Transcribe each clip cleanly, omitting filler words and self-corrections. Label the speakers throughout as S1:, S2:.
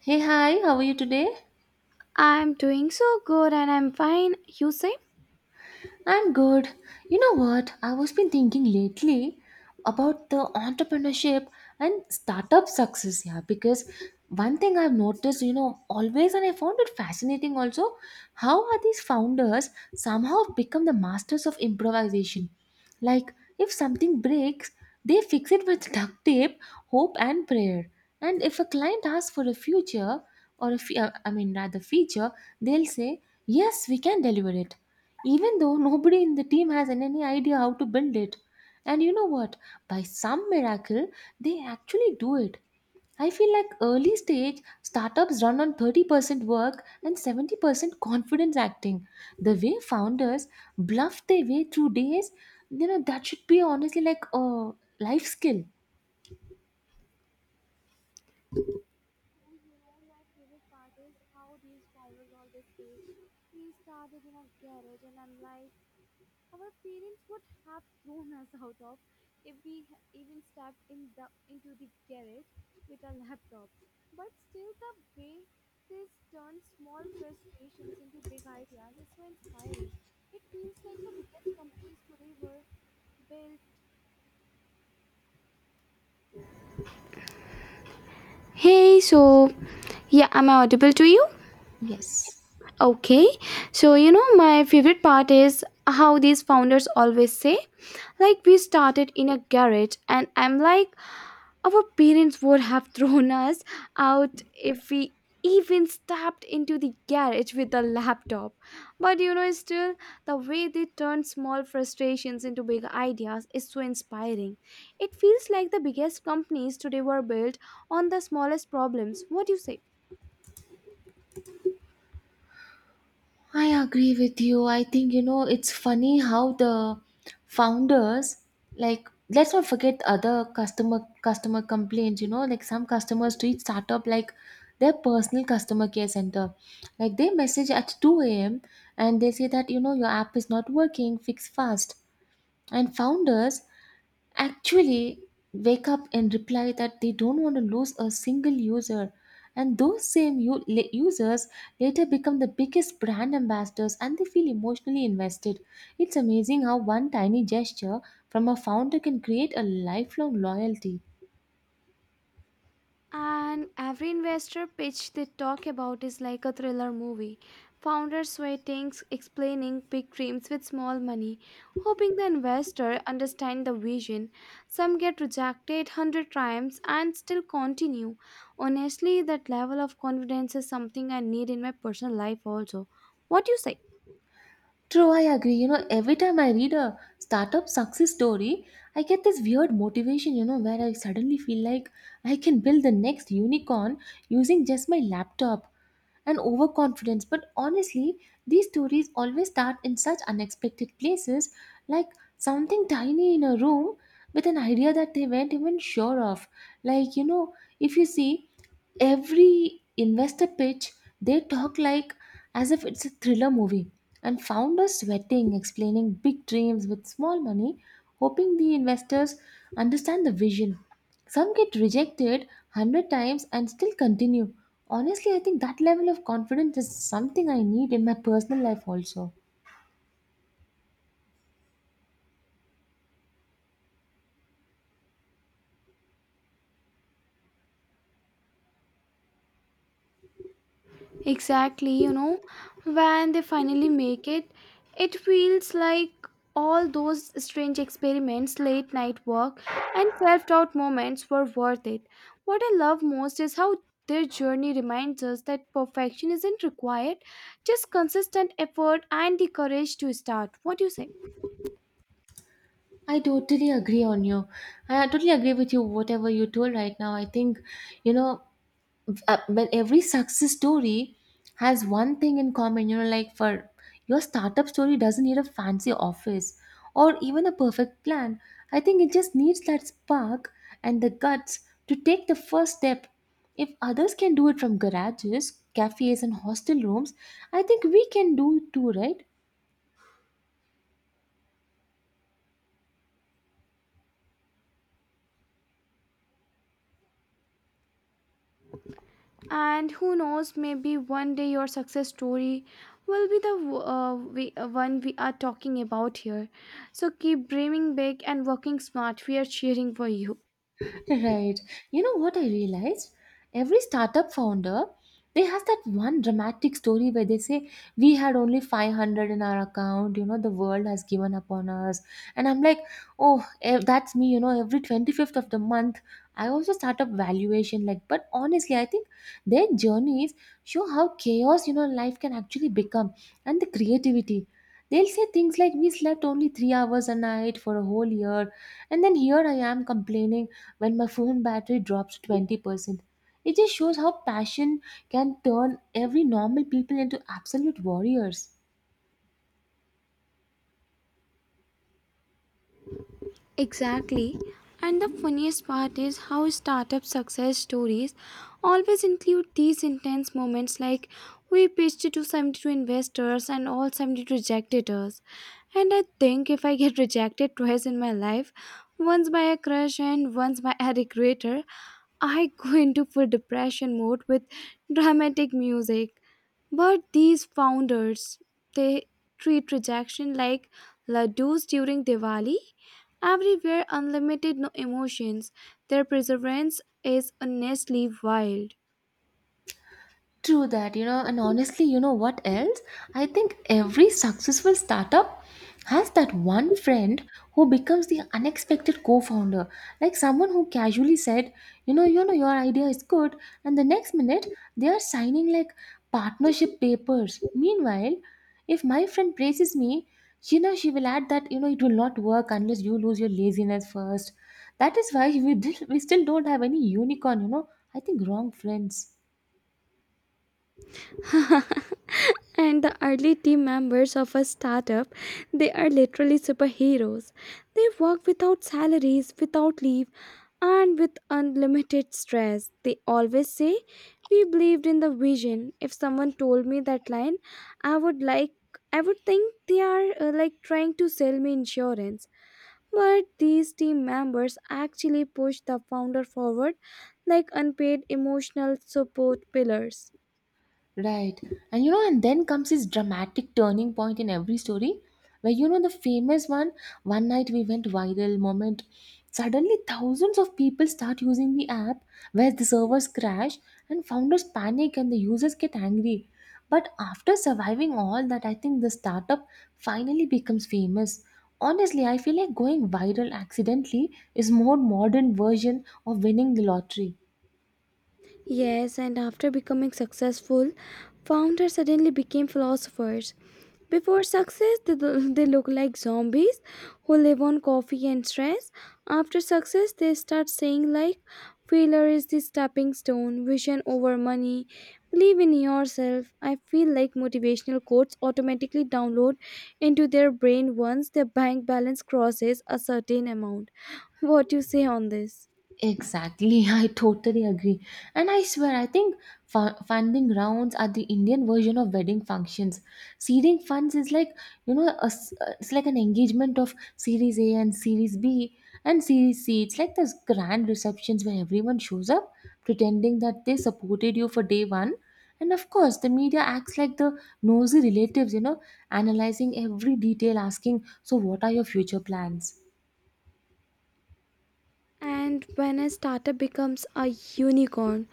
S1: Hey, hi, how are you today?
S2: I'm doing so good and I'm fine. You say?
S1: I'm good. You know what? I was been thinking lately about the entrepreneurship and startup success, yeah, because one thing I've noticed, always and I found it fascinating also, how are these founders somehow become the masters of improvisation? Like if something breaks, they fix it with duct tape, hope and prayer. And if a client asks for a future or I mean rather feature, they'll say, "Yes, we can deliver it." even though nobody in the team has any idea how to build it. And you know what? By some miracle, they actually do it. I feel like early stage startups run on 30% work and 70% confidence acting. The way founders bluff their way through days, that should be honestly like a life skill.
S2: Hey, so yeah, am I audible to you?
S1: Yes.
S2: Okay, so you know, my favorite part is how these founders always say, like, we started in a garage, and I'm like, our parents would have thrown us out if we even stepped into the garage with a laptop. But you know, still, the way they turn small frustrations into big ideas is so inspiring. It feels like the biggest companies today were built on the smallest problems. What do you say?
S1: I agree with you. I think, it's funny how the founders like let's not forget other customer complaints, like some customers treat startup like their personal customer care center. Like they message at 2 a.m. and they say that, your app is not working, fix fast. And founders actually wake up and reply that they don't want to lose a single user, and those same users later become the biggest brand ambassadors, and they feel emotionally invested. It's amazing how one tiny gesture from a founder can create a lifelong loyalty.
S2: And every investor pitch they talk about is like a thriller movie. Founders waiting, explaining big dreams with small money, hoping the investor understand the vision. Some get rejected 100 times and still continue. Honestly, that level of confidence is something I need in my personal life also. What do you say?
S1: True, I agree. You know, every time I read a startup success story, I get this weird motivation, where I suddenly feel like I can build the next unicorn using just my laptop and overconfidence. But honestly, these stories always start in such unexpected places, like something tiny in a room with an idea that they weren't even sure of. Like, if you see, every investor pitch, they talk like as if it's a thriller movie, and founders sweating explaining big dreams with small money, hoping the investors understand the vision. Some get rejected 100 times and still continue. Honestly, I think that level of confidence is something I need in my personal life also.
S2: Exactly, you know, when they finally make it, it feels like all those strange experiments, late night work, and self doubt moments were worth it. What I love most is how their journey reminds us that perfection isn't required, just consistent effort and the courage to start. What do you say?
S1: I totally agree on you. I totally agree with you, whatever you told right now. I think, you know, when every success story has one thing in common, like for your startup story doesn't need a fancy office or even a perfect plan. I think it just needs that spark and the guts to take the first step. If others can do it from garages, cafes, and hostel rooms, I think we can do it too, right?
S2: And who knows, maybe one day your success story will be one we are talking about here. So keep dreaming big and working smart. We are cheering for you.
S1: Right. You know what I realized? Every startup founder, they have that one dramatic story where they say, "We had only 500 in our account, the world has given up on us." And I'm like, "Oh, that's me, every 25th of the month, I also start up valuation like, but honestly, I think their journeys show how chaos, life can actually become and the creativity. They'll say things like, "We slept only 3 hours a night for a whole year." And then here I am complaining when my phone battery drops 20%. It just shows how passion can turn every normal people into absolute warriors.
S2: Exactly. And the funniest part is how startup success stories always include these intense moments like we pitched to 72 investors and all 72 rejected us. And I think if I get rejected twice in my life, once by a crush and once by a recruiter, I go into full depression mode with dramatic music. But these founders, they treat rejection like ladoos during Diwali. Everywhere, unlimited, no emotions. Their perseverance is honestly wild.
S1: True that, and honestly, you know what else? I think every successful startup has that one friend who becomes the unexpected co-founder. Like someone who casually said, your idea is good, and the next minute they are signing like partnership papers. Meanwhile, if my friend praises me, she will add that, it will not work unless you lose your laziness first. That is why we still don't have any unicorn. I think wrong friends.
S2: And the early team members of a startup, they are literally superheroes. They work without salaries, without leave, and with unlimited stress. They always say we believed in the vision. If someone told me that line, i would like I would think they are like trying to sell me insurance. But these team members actually push the founder forward like unpaid emotional support pillars.
S1: Right. And then comes this dramatic turning point in every story where the famous one, "One night we went viral" moment. Suddenly, thousands of people start using the app where the servers crash and founders panic and the users get angry. But after surviving all that, I think the startup finally becomes famous. Honestly, I feel like going viral accidentally is more modern version of winning the lottery.
S2: Yes, and after becoming successful, founders suddenly became philosophers. Before success, they look like zombies who live on coffee and stress. After success, they start saying like, failure is the stepping stone, vision over money, believe in yourself. I feel like motivational quotes automatically download into their brain once their bank balance crosses a certain amount. What do you say on this?
S1: Exactly. I totally agree. And I swear, I think funding rounds are the Indian version of wedding functions. Seeding funds is like, it's like an engagement of Series A and Series B and Series C. It's like those grand receptions where everyone shows up pretending that they supported you for day one. And of course, the media acts like the nosy relatives, analyzing every detail, asking, "So, what are your future plans?"
S2: And when a startup becomes a unicorn,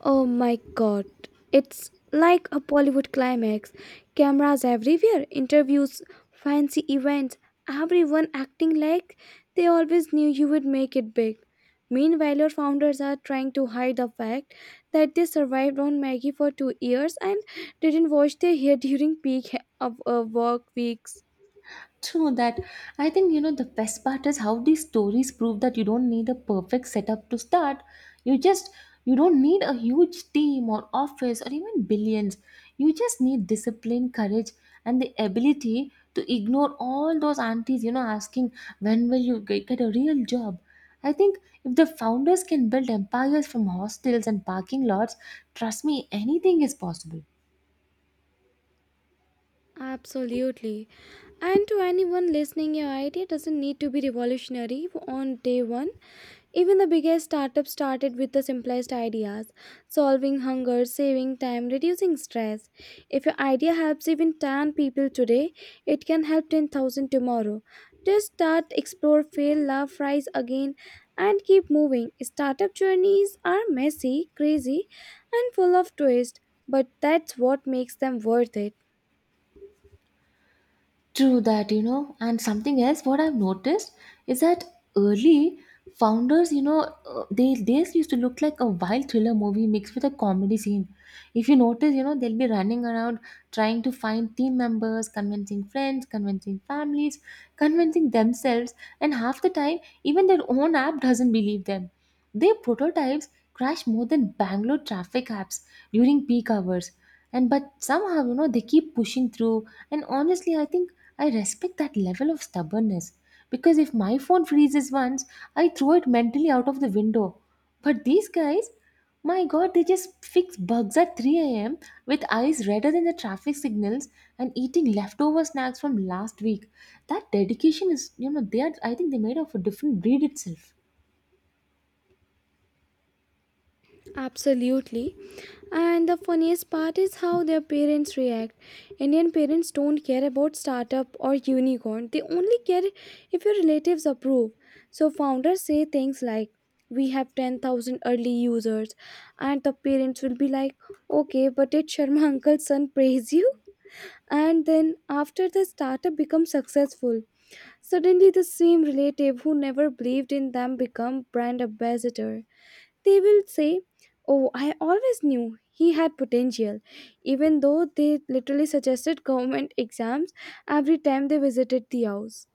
S2: oh my god, it's like a Bollywood climax. Cameras everywhere, interviews, fancy events, everyone acting like they always knew you would make it big. Meanwhile, your founders are trying to hide the fact that they survived on Maggie for 2 years and didn't wash their hair during peak he- of work weeks.
S1: True that. I think, the best part is how these stories prove that you don't need a perfect setup to start. You just you don't need a huge team or office or even billions. You just need discipline, courage, and the ability to ignore all those aunties, asking when will you get a real job. I think if the founders can build empires from hostels and parking lots, trust me, anything is possible.
S2: Absolutely. And to anyone listening, your idea doesn't need to be revolutionary on day one. Even the biggest startup started with the simplest ideas solving hunger, saving time, reducing stress. If your idea helps even 10 people today, it can help 10,000 tomorrow. Just start, explore, fail, laugh, rise again, and keep moving. Startup journeys are messy, crazy, and full of twists, but that's what makes them worth it.
S1: True that, and something else what I've noticed is that early founders, they used to look like a wild thriller movie mixed with a comedy scene. If you notice, they'll be running around trying to find team members, convincing friends, convincing families, convincing themselves, and half the time, even their own app doesn't believe them. Their prototypes crash more than Bangalore traffic apps during peak hours. And but somehow, they keep pushing through. And honestly, I think I respect that level of stubbornness because if my phone freezes once, I throw it mentally out of the window. But these guys, my god, they just fix bugs at 3 a.m. with eyes redder than the traffic signals and eating leftover snacks from last week. That dedication is, they are, I think they made of a different breed itself.
S2: Absolutely. And the funniest part is how their parents react. Indian parents don't care about startup or unicorn. They only care if your relatives approve. So founders say things like, "We have 10,000 early users." And the parents will be like, "Okay, but did Sharma uncle's son praise you?" And then after the startup becomes successful, suddenly the same relative who never believed in them become brand ambassador. They will say, "Oh, I always knew he had potential," even though they literally suggested government exams every time they visited the house.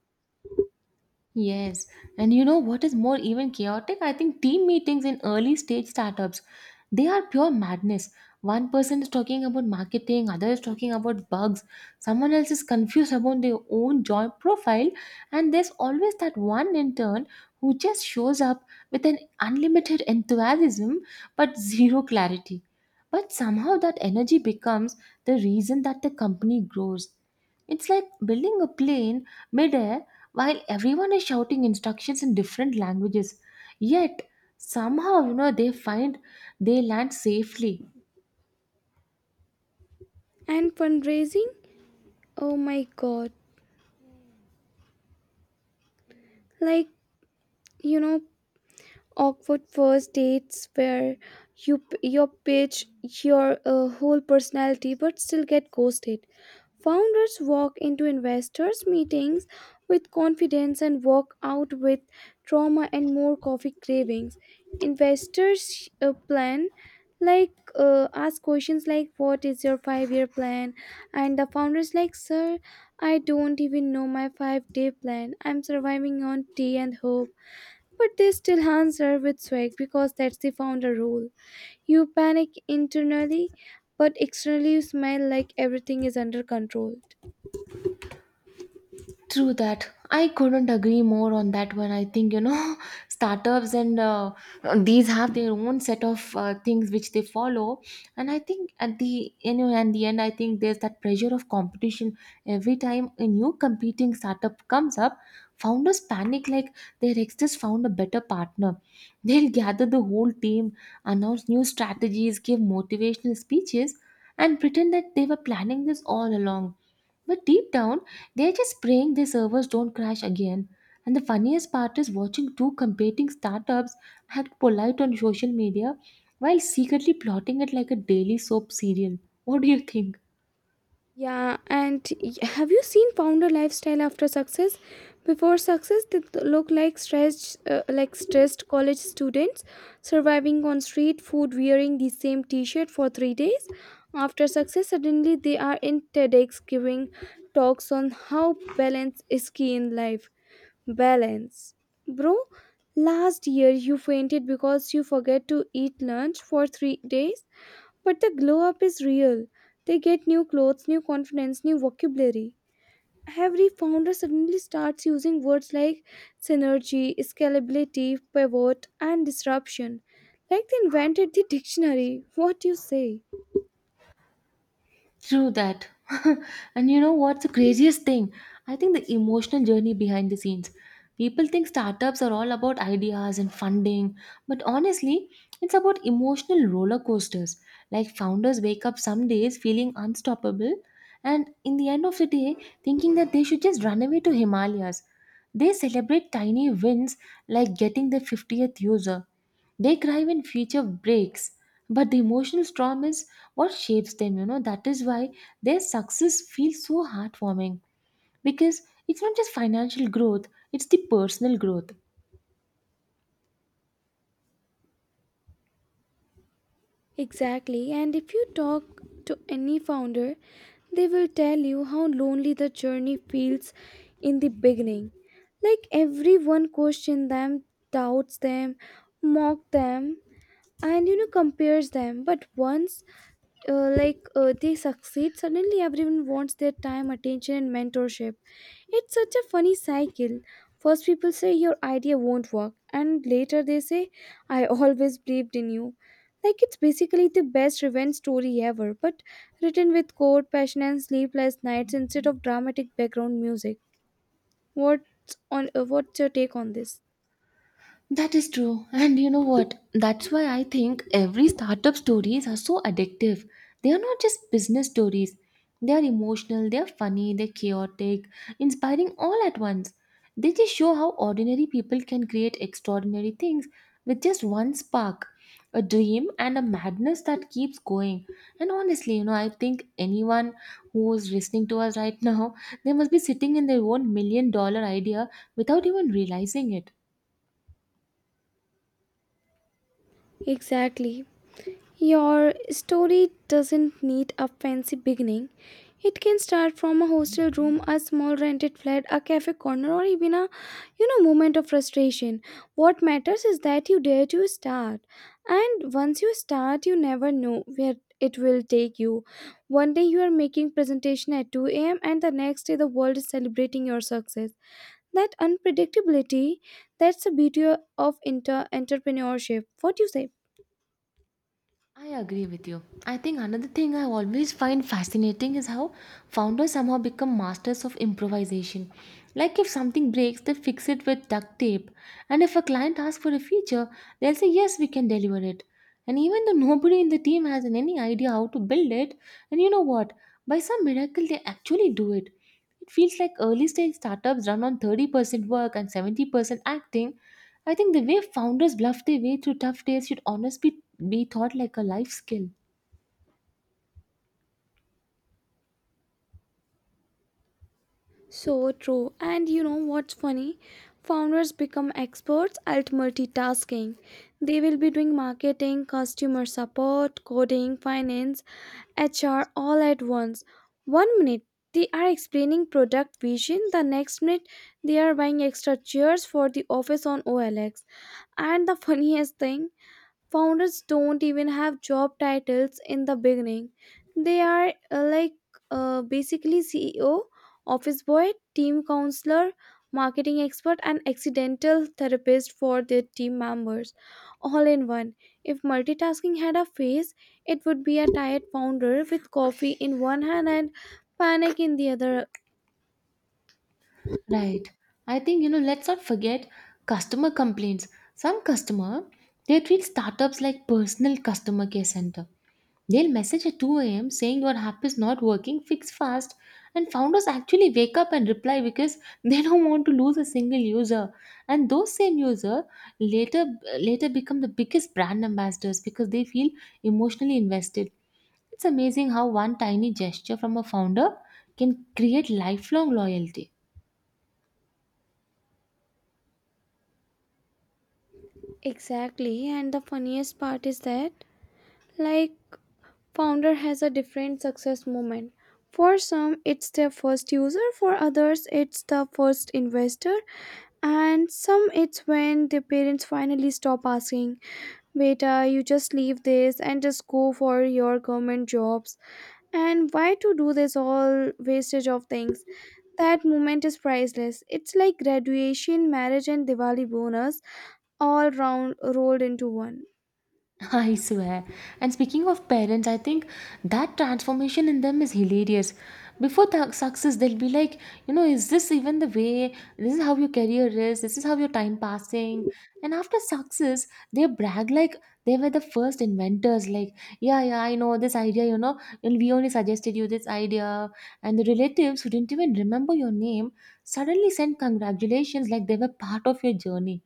S1: Yes, and you know what is more even chaotic? I think team meetings in early stage startups, they are pure madness. One person is talking about marketing, other is talking about bugs, someone else is confused about their own job profile, and there's always that one intern who just shows up with an unlimited enthusiasm but zero clarity. But somehow that energy becomes the reason that the company grows. It's like building a plane midair while everyone is shouting instructions in different languages. Yet, somehow, they land safely.
S2: And fundraising? Oh my god. Like, you know, awkward first dates where you pitch your whole personality but still get ghosted. Founders walk into investors meetings with confidence and walk out with trauma and more coffee cravings. Investors plan like ask questions like what is your 5-year plan, and the founders like, sir, I don't even know my 5-day plan. I'm surviving on tea and hope, but they still answer with swag because that's the founder rule. You panic internally, but externally you smile like everything is under control.
S1: True that. I couldn't agree more on that one. I think, startups and these have their own set of things which they follow. And I think at the, and the end, I think there's that pressure of competition. Every time a new competing startup comes up, founders panic like their ex just found a better partner. They'll gather the whole team, announce new strategies, give motivational speeches, and pretend that they were planning this all along. But deep down, they're just praying their servers don't crash again. And the funniest part is watching two competing startups act polite on social media while secretly plotting it like a daily soap serial. What do you think?
S2: And have you seen founder lifestyle after success? Before success, they look like stressed college students surviving on street food, wearing the same T-shirt for 3 days. After success, suddenly they are in TEDx giving talks on how balance is key in life. Balance. Bro, last year you fainted because you forget to eat lunch for 3 days, but the glow up is real. They get new clothes, new confidence, new vocabulary. Every founder suddenly starts using words like synergy, scalability, pivot, and disruption. Like they invented the dictionary. What do you say?
S1: True that. And you know what's the craziest thing? I think the emotional journey behind the scenes. People think startups are all about ideas and funding, but honestly, it's about emotional roller coasters. Like founders wake up some days feeling unstoppable, and in the end of the day, thinking that they should just run away to Himalayas. They celebrate tiny wins like getting the 50th user. They cry when feature breaks, but the emotional storm is what shapes them. That is why their success feels so heartwarming because it's not just financial growth, it's the personal growth.
S2: Exactly, and if you talk to any founder, they will tell you how lonely the journey feels in the beginning. Like everyone questions them, doubts them, mock them, and you know compares them. But once, they succeed, suddenly everyone wants their time, attention, and mentorship. It's such a funny cycle. First, people say your idea won't work, and later they say, I always believed in you. Like it's basically the best revenge story ever, but written with cold passion and sleepless nights instead of dramatic background music. What's your take on this?
S1: That is true. And you know what? That's why I think every startup stories are so addictive. They are not just business stories. They are emotional, they are funny, they're chaotic, inspiring all at once. They just show how ordinary people can create extraordinary things with just one spark, a dream and a madness that keeps going. And honestly, I think anyone who's listening to us right now, they must be sitting in their own million-dollar idea without even realizing it.
S2: Exactly. Your story doesn't need a fancy beginning. It can start from a hostel room, a small rented flat, a cafe corner, or even a you know moment of frustration. What matters is that you dare to start. And once you start, you never know where it will take you. One day you are making presentation at 2 a.m. and the next day the world is celebrating your success. That unpredictability, that's the beauty of entrepreneurship. What do you say?
S1: I agree with you. I think another thing I always find fascinating is how founders somehow become masters of improvisation. Like if something breaks, they fix it with duct tape. And if a client asks for a feature, they'll say, "Yes, we can deliver it." And even though nobody in the team has any idea how to build it, and you know what? By some miracle, they actually do it. It feels like early stage startups run on 30% work and 70% acting. I think the way founders bluff their way through tough days should honestly be taught like a life skill.
S2: So true. And you know what's funny? Founders become experts at multitasking. They will be doing marketing, customer support, coding, finance, HR all at once. One minute they are explaining product vision, the next minute they are buying extra chairs for the office on OLX. And the funniest thing, founders don't even have job titles in the beginning. They are basically CEO, office boy, team counselor, marketing expert, and accidental therapist for their team members, all in one. If multitasking had a face, it would be a tired founder with coffee in one hand and panic in the other.
S1: Right. I think, you know, let's not forget customer complaints. Some customer, they treat startups like personal customer care center. They'll message at 2 a.m. saying your app is not working, fix fast. And founders actually wake up and reply because they don't want to lose a single user. And those same user later become the biggest brand ambassadors because they feel emotionally invested. It's amazing how one tiny gesture from a founder can create lifelong loyalty.
S2: Exactly, and the funniest part is that like founder has a different success moment. For some, it's their first user, for others, it's the first investor, and some it's when their parents finally stop asking, "Beta, you just leave this and just go for your government jobs. And why to do this all wastage of things?" That moment is priceless. It's like graduation, marriage, and Diwali bonus all round rolled into one.
S1: I swear. And speaking of parents, I think that transformation in them is hilarious. Before the success, they'll be like, you know, is this even the way? This is how your career is. This is how your time passing. And after success, they brag like they were the first inventors. Like, yeah, yeah, I know this idea, and we only suggested you this idea. And the relatives who didn't even remember your name suddenly sent congratulations like they were part of your journey,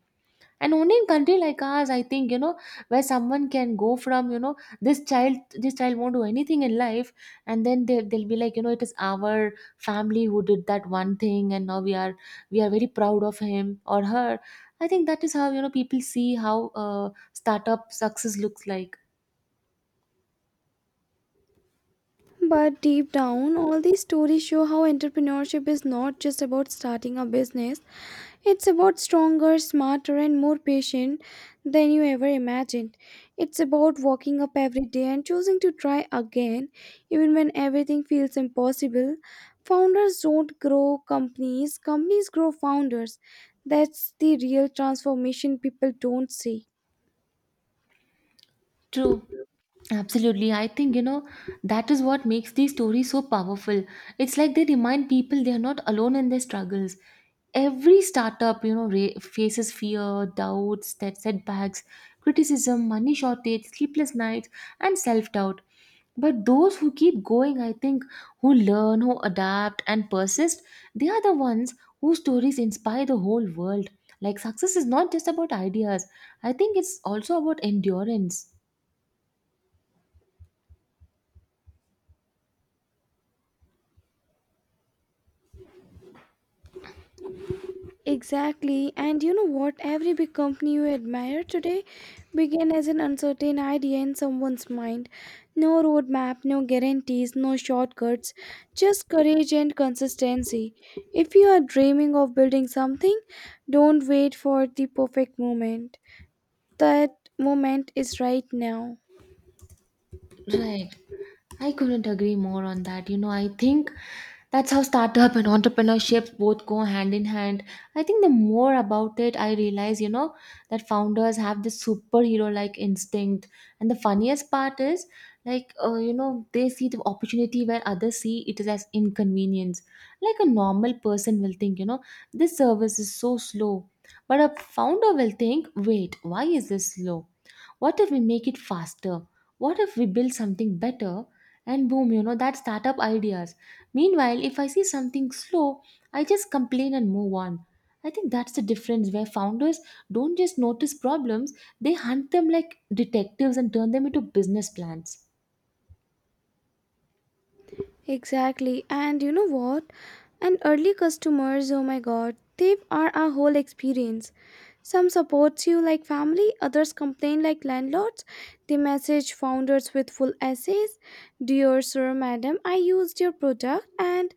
S1: and only in country like ours, I think, where someone can go from, this child, won't do anything in life. And then they'll be like, you know, it is our family who did that one thing, and now we are very proud of him or her. I think that is how, you know, people see how startup success looks like.
S2: But deep down, all these stories show how entrepreneurship is not just about starting a business, it's about stronger, smarter, and more patient than you ever imagined. It's about waking up every day and choosing to try again, even when everything feels impossible. Founders don't grow companies, companies grow founders. That's the real transformation people don't see.
S1: True, absolutely. I think, you know, that is what makes these stories so powerful. It's like they remind people they are not alone in their struggles. Every startup, faces fear, doubts, that setbacks, criticism, money shortage, sleepless nights, and self-doubt. But those who keep going, I think, who learn, who adapt and persist, they are the ones whose stories inspire the whole world. Like success is not just about ideas, I think it's also about endurance.
S2: Exactly. And you know what? Every big company you admire today began as an uncertain idea in someone's mind. No roadmap, no guarantees, no shortcuts, just courage and consistency. If you are dreaming of building something, don't wait for the perfect moment. That moment is right now.
S1: Right. I couldn't agree more on that. You know, I think that's how startup and entrepreneurship both go hand in hand. I think the more about it, I realize, you know, that founders have this superhero like instinct. And the funniest part is, you know, they see the opportunity where others see it is as inconvenience. Like a normal person will think, you know, this service is so slow. But a founder will think, wait, why is this slow? What if we make it faster? What if we build something better? And boom, you know, that startup ideas. Meanwhile, if I see something slow, I just complain and move on. I think that's the difference where founders don't just notice problems, they hunt them like detectives and turn them into business plans.
S2: Exactly. And you know what? And early customers, oh my god, they are our whole experience. Some supports you like family, others complain like landlords. They message founders with full essays. "Dear sir, madam, I used your product and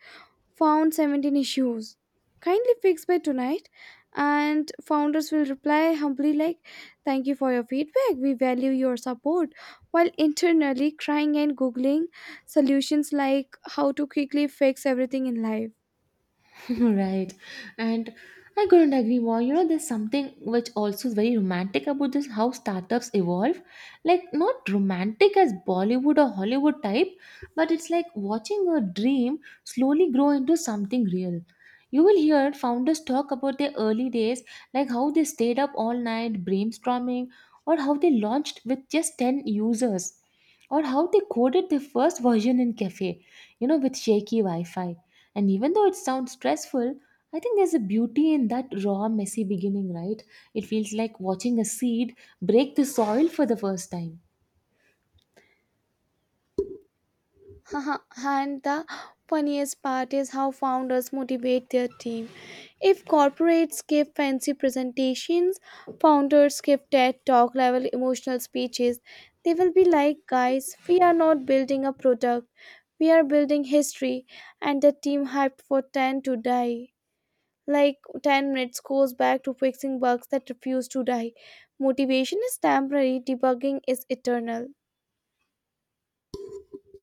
S2: found 17 issues. Kindly fix by tonight." And founders will reply humbly like, "Thank you for your feedback. We value your support." While internally crying and googling solutions like how to quickly fix everything in life.
S1: Right. And I couldn't agree more. You know, there's something which also is very romantic about this how startups evolve. Like, not romantic as Bollywood or Hollywood type, but it's like watching a dream slowly grow into something real. You will hear founders talk about their early days, like how they stayed up all night brainstorming, or how they launched with just 10 users, or how they coded their first version in cafe, you know, with shaky wi-fi. And even though it sounds stressful, I think there's a beauty in that raw messy beginning, right? It feels like watching a seed break the soil for the first time.
S2: Haha, and the funniest part is how founders motivate their team. If corporates give fancy presentations, founders give TED talk level emotional speeches. They will be like, "Guys, we are not building a product, we are building history," and the team hyped for 10 to die. Like 10 minutes goes back to fixing bugs that refuse to die. Motivation is temporary, debugging is eternal.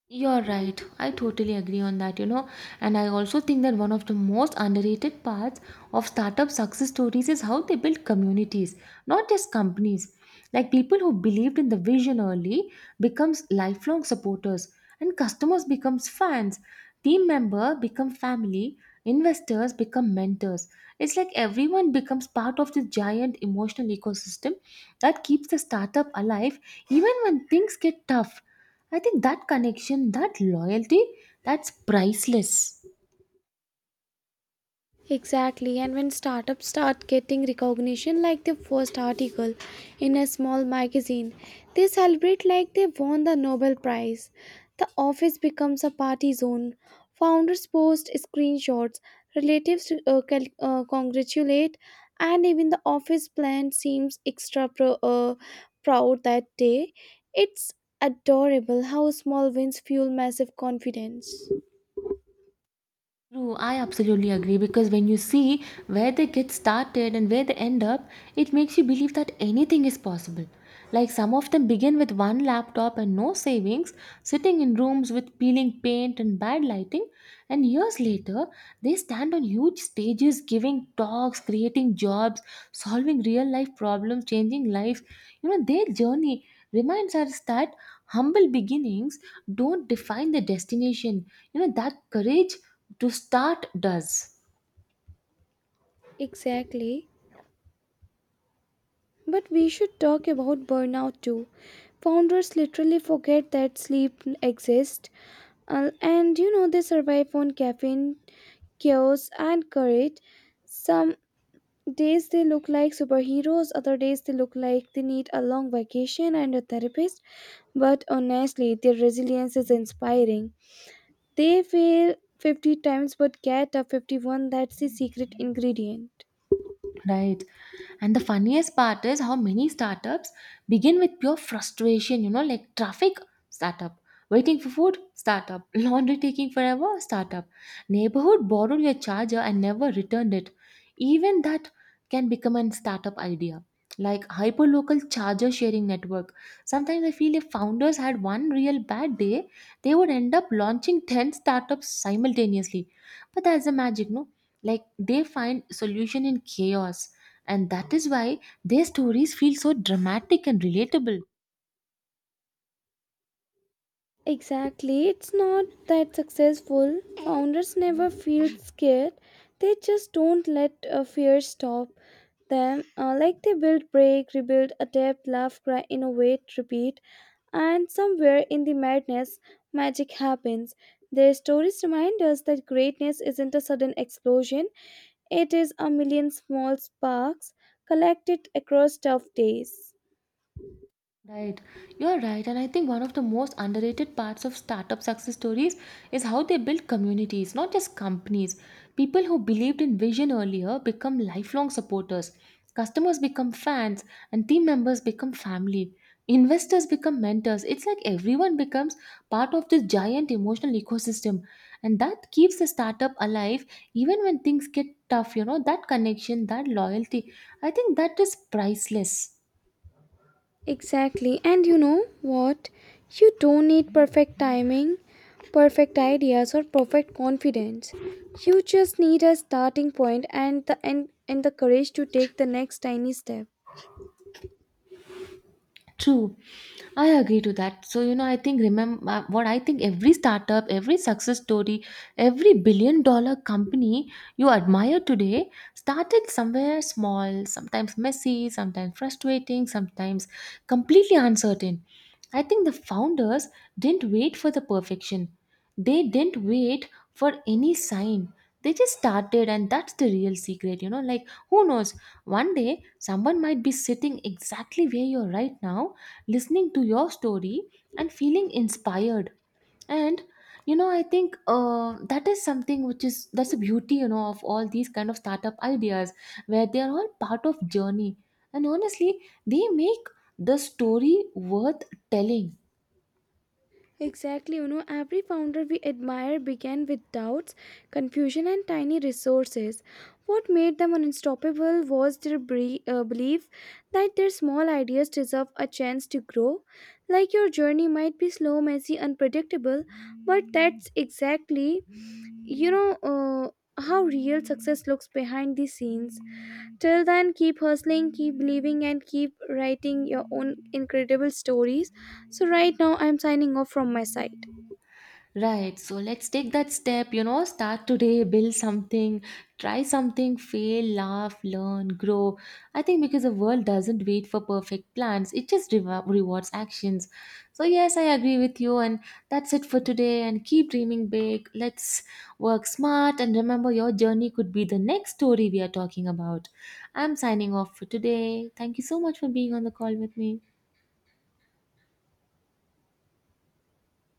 S1: You're right. I totally agree on that, you know. And I also think that one of the most underrated parts of startup success stories is how they build communities, not just companies. Like people who believed in the vision early becomes lifelong supporters, and customers becomes fans, team member become family, investors become mentors. It's like everyone becomes part of this giant emotional ecosystem that keeps the startup alive even when things get tough. I think that connection, that loyalty, that's priceless.
S2: Exactly, and when startups start getting recognition like the first article in a small magazine, they celebrate like they won the Nobel Prize. The office becomes a party zone. Founders post screenshots, relatives congratulate, and even the office plant seems extra proud that day. It's adorable how small wins fuel massive confidence.
S1: True, I absolutely agree, because when you see where they get started and where they end up, it makes you believe that anything is possible. Like some of them begin with one laptop and no savings, sitting in rooms with peeling paint and bad lighting. And years later, they stand on huge stages giving talks, creating jobs, solving real life problems, changing lives. You know, their journey reminds us that humble beginnings don't define the destination. You know, that courage to start does.
S2: Exactly. But we should talk about burnout too. Founders literally forget that sleep exists, and you know they survive on caffeine, chaos, and courage. Some days they look like superheroes, other days they look like they need a long vacation and a therapist. But honestly, their resilience is inspiring. They fail 50 times but get up 51, that's the secret ingredient.
S1: Right. And the funniest part is how many startups begin with pure frustration, you know, like traffic, startup, waiting for food, startup, laundry taking forever, startup, neighborhood borrowed your charger and never returned it. Even that can become a startup idea. Like hyperlocal charger sharing network. Sometimes I feel if founders had one real bad day, they would end up launching 10 startups simultaneously. But that's the magic, no? Like they find solution in chaos, and that is why their stories feel so dramatic and relatable.
S2: Exactly. It's not that successful. Founders never feel scared. They just don't let fear stop them. Like they build, break, rebuild, adapt, laugh, cry, innovate, repeat. And somewhere in the madness, magic happens. Their stories remind us that greatness isn't a sudden explosion, it is a million small sparks collected across tough days.
S1: Right, you're right, and I think one of the most underrated parts of startup success stories is how they build communities, not just companies. People who believed in vision earlier become lifelong supporters, customers become fans, and team members become family. Investors become mentors. It's like everyone becomes part of this giant emotional ecosystem, and that keeps the startup alive even when things get tough. You know, that connection, that loyalty, I think that is priceless.
S2: Exactly. And you know what? You don't need perfect timing, perfect ideas, or perfect confidence. You just need a starting point and the courage to take the next tiny step.
S1: True. I agree to that. So, you know, I think remember what I think every startup, every success story, every billion dollar company you admire today started somewhere small, sometimes messy, sometimes frustrating, sometimes completely uncertain. I think the founders didn't wait for the perfection. They didn't wait for any sign. They just started, and that's the real secret, you know. Like, who knows? One day, someone might be sitting exactly where you're right now, listening to your story and feeling inspired. And, you know, I think that is something which is that's the beauty, you know, of all these kind of startup ideas where they are all part of journey. And honestly, they make the story worth telling.
S2: Exactly, you know, every founder we admire began with doubts, confusion, and tiny resources. What made them unstoppable was their belief that their small ideas deserve a chance to grow. Like your journey might be slow, messy, unpredictable, but that's exactly, you know, how real success looks behind the scenes. Till then, keep hustling, keep believing, and keep writing your own incredible stories. So, right now, I'm signing off from my side.
S1: Right. So let's take that step, you know, start today, build something, try something, fail, laugh, learn, grow. I think because the world doesn't wait for perfect plans, it just rewards actions. So, yes, I agree with you. And that's it for today. And keep dreaming big. Let's work smart. And remember, your journey could be the next story we are talking about. I'm signing off for today. Thank you so much for being on the call with me.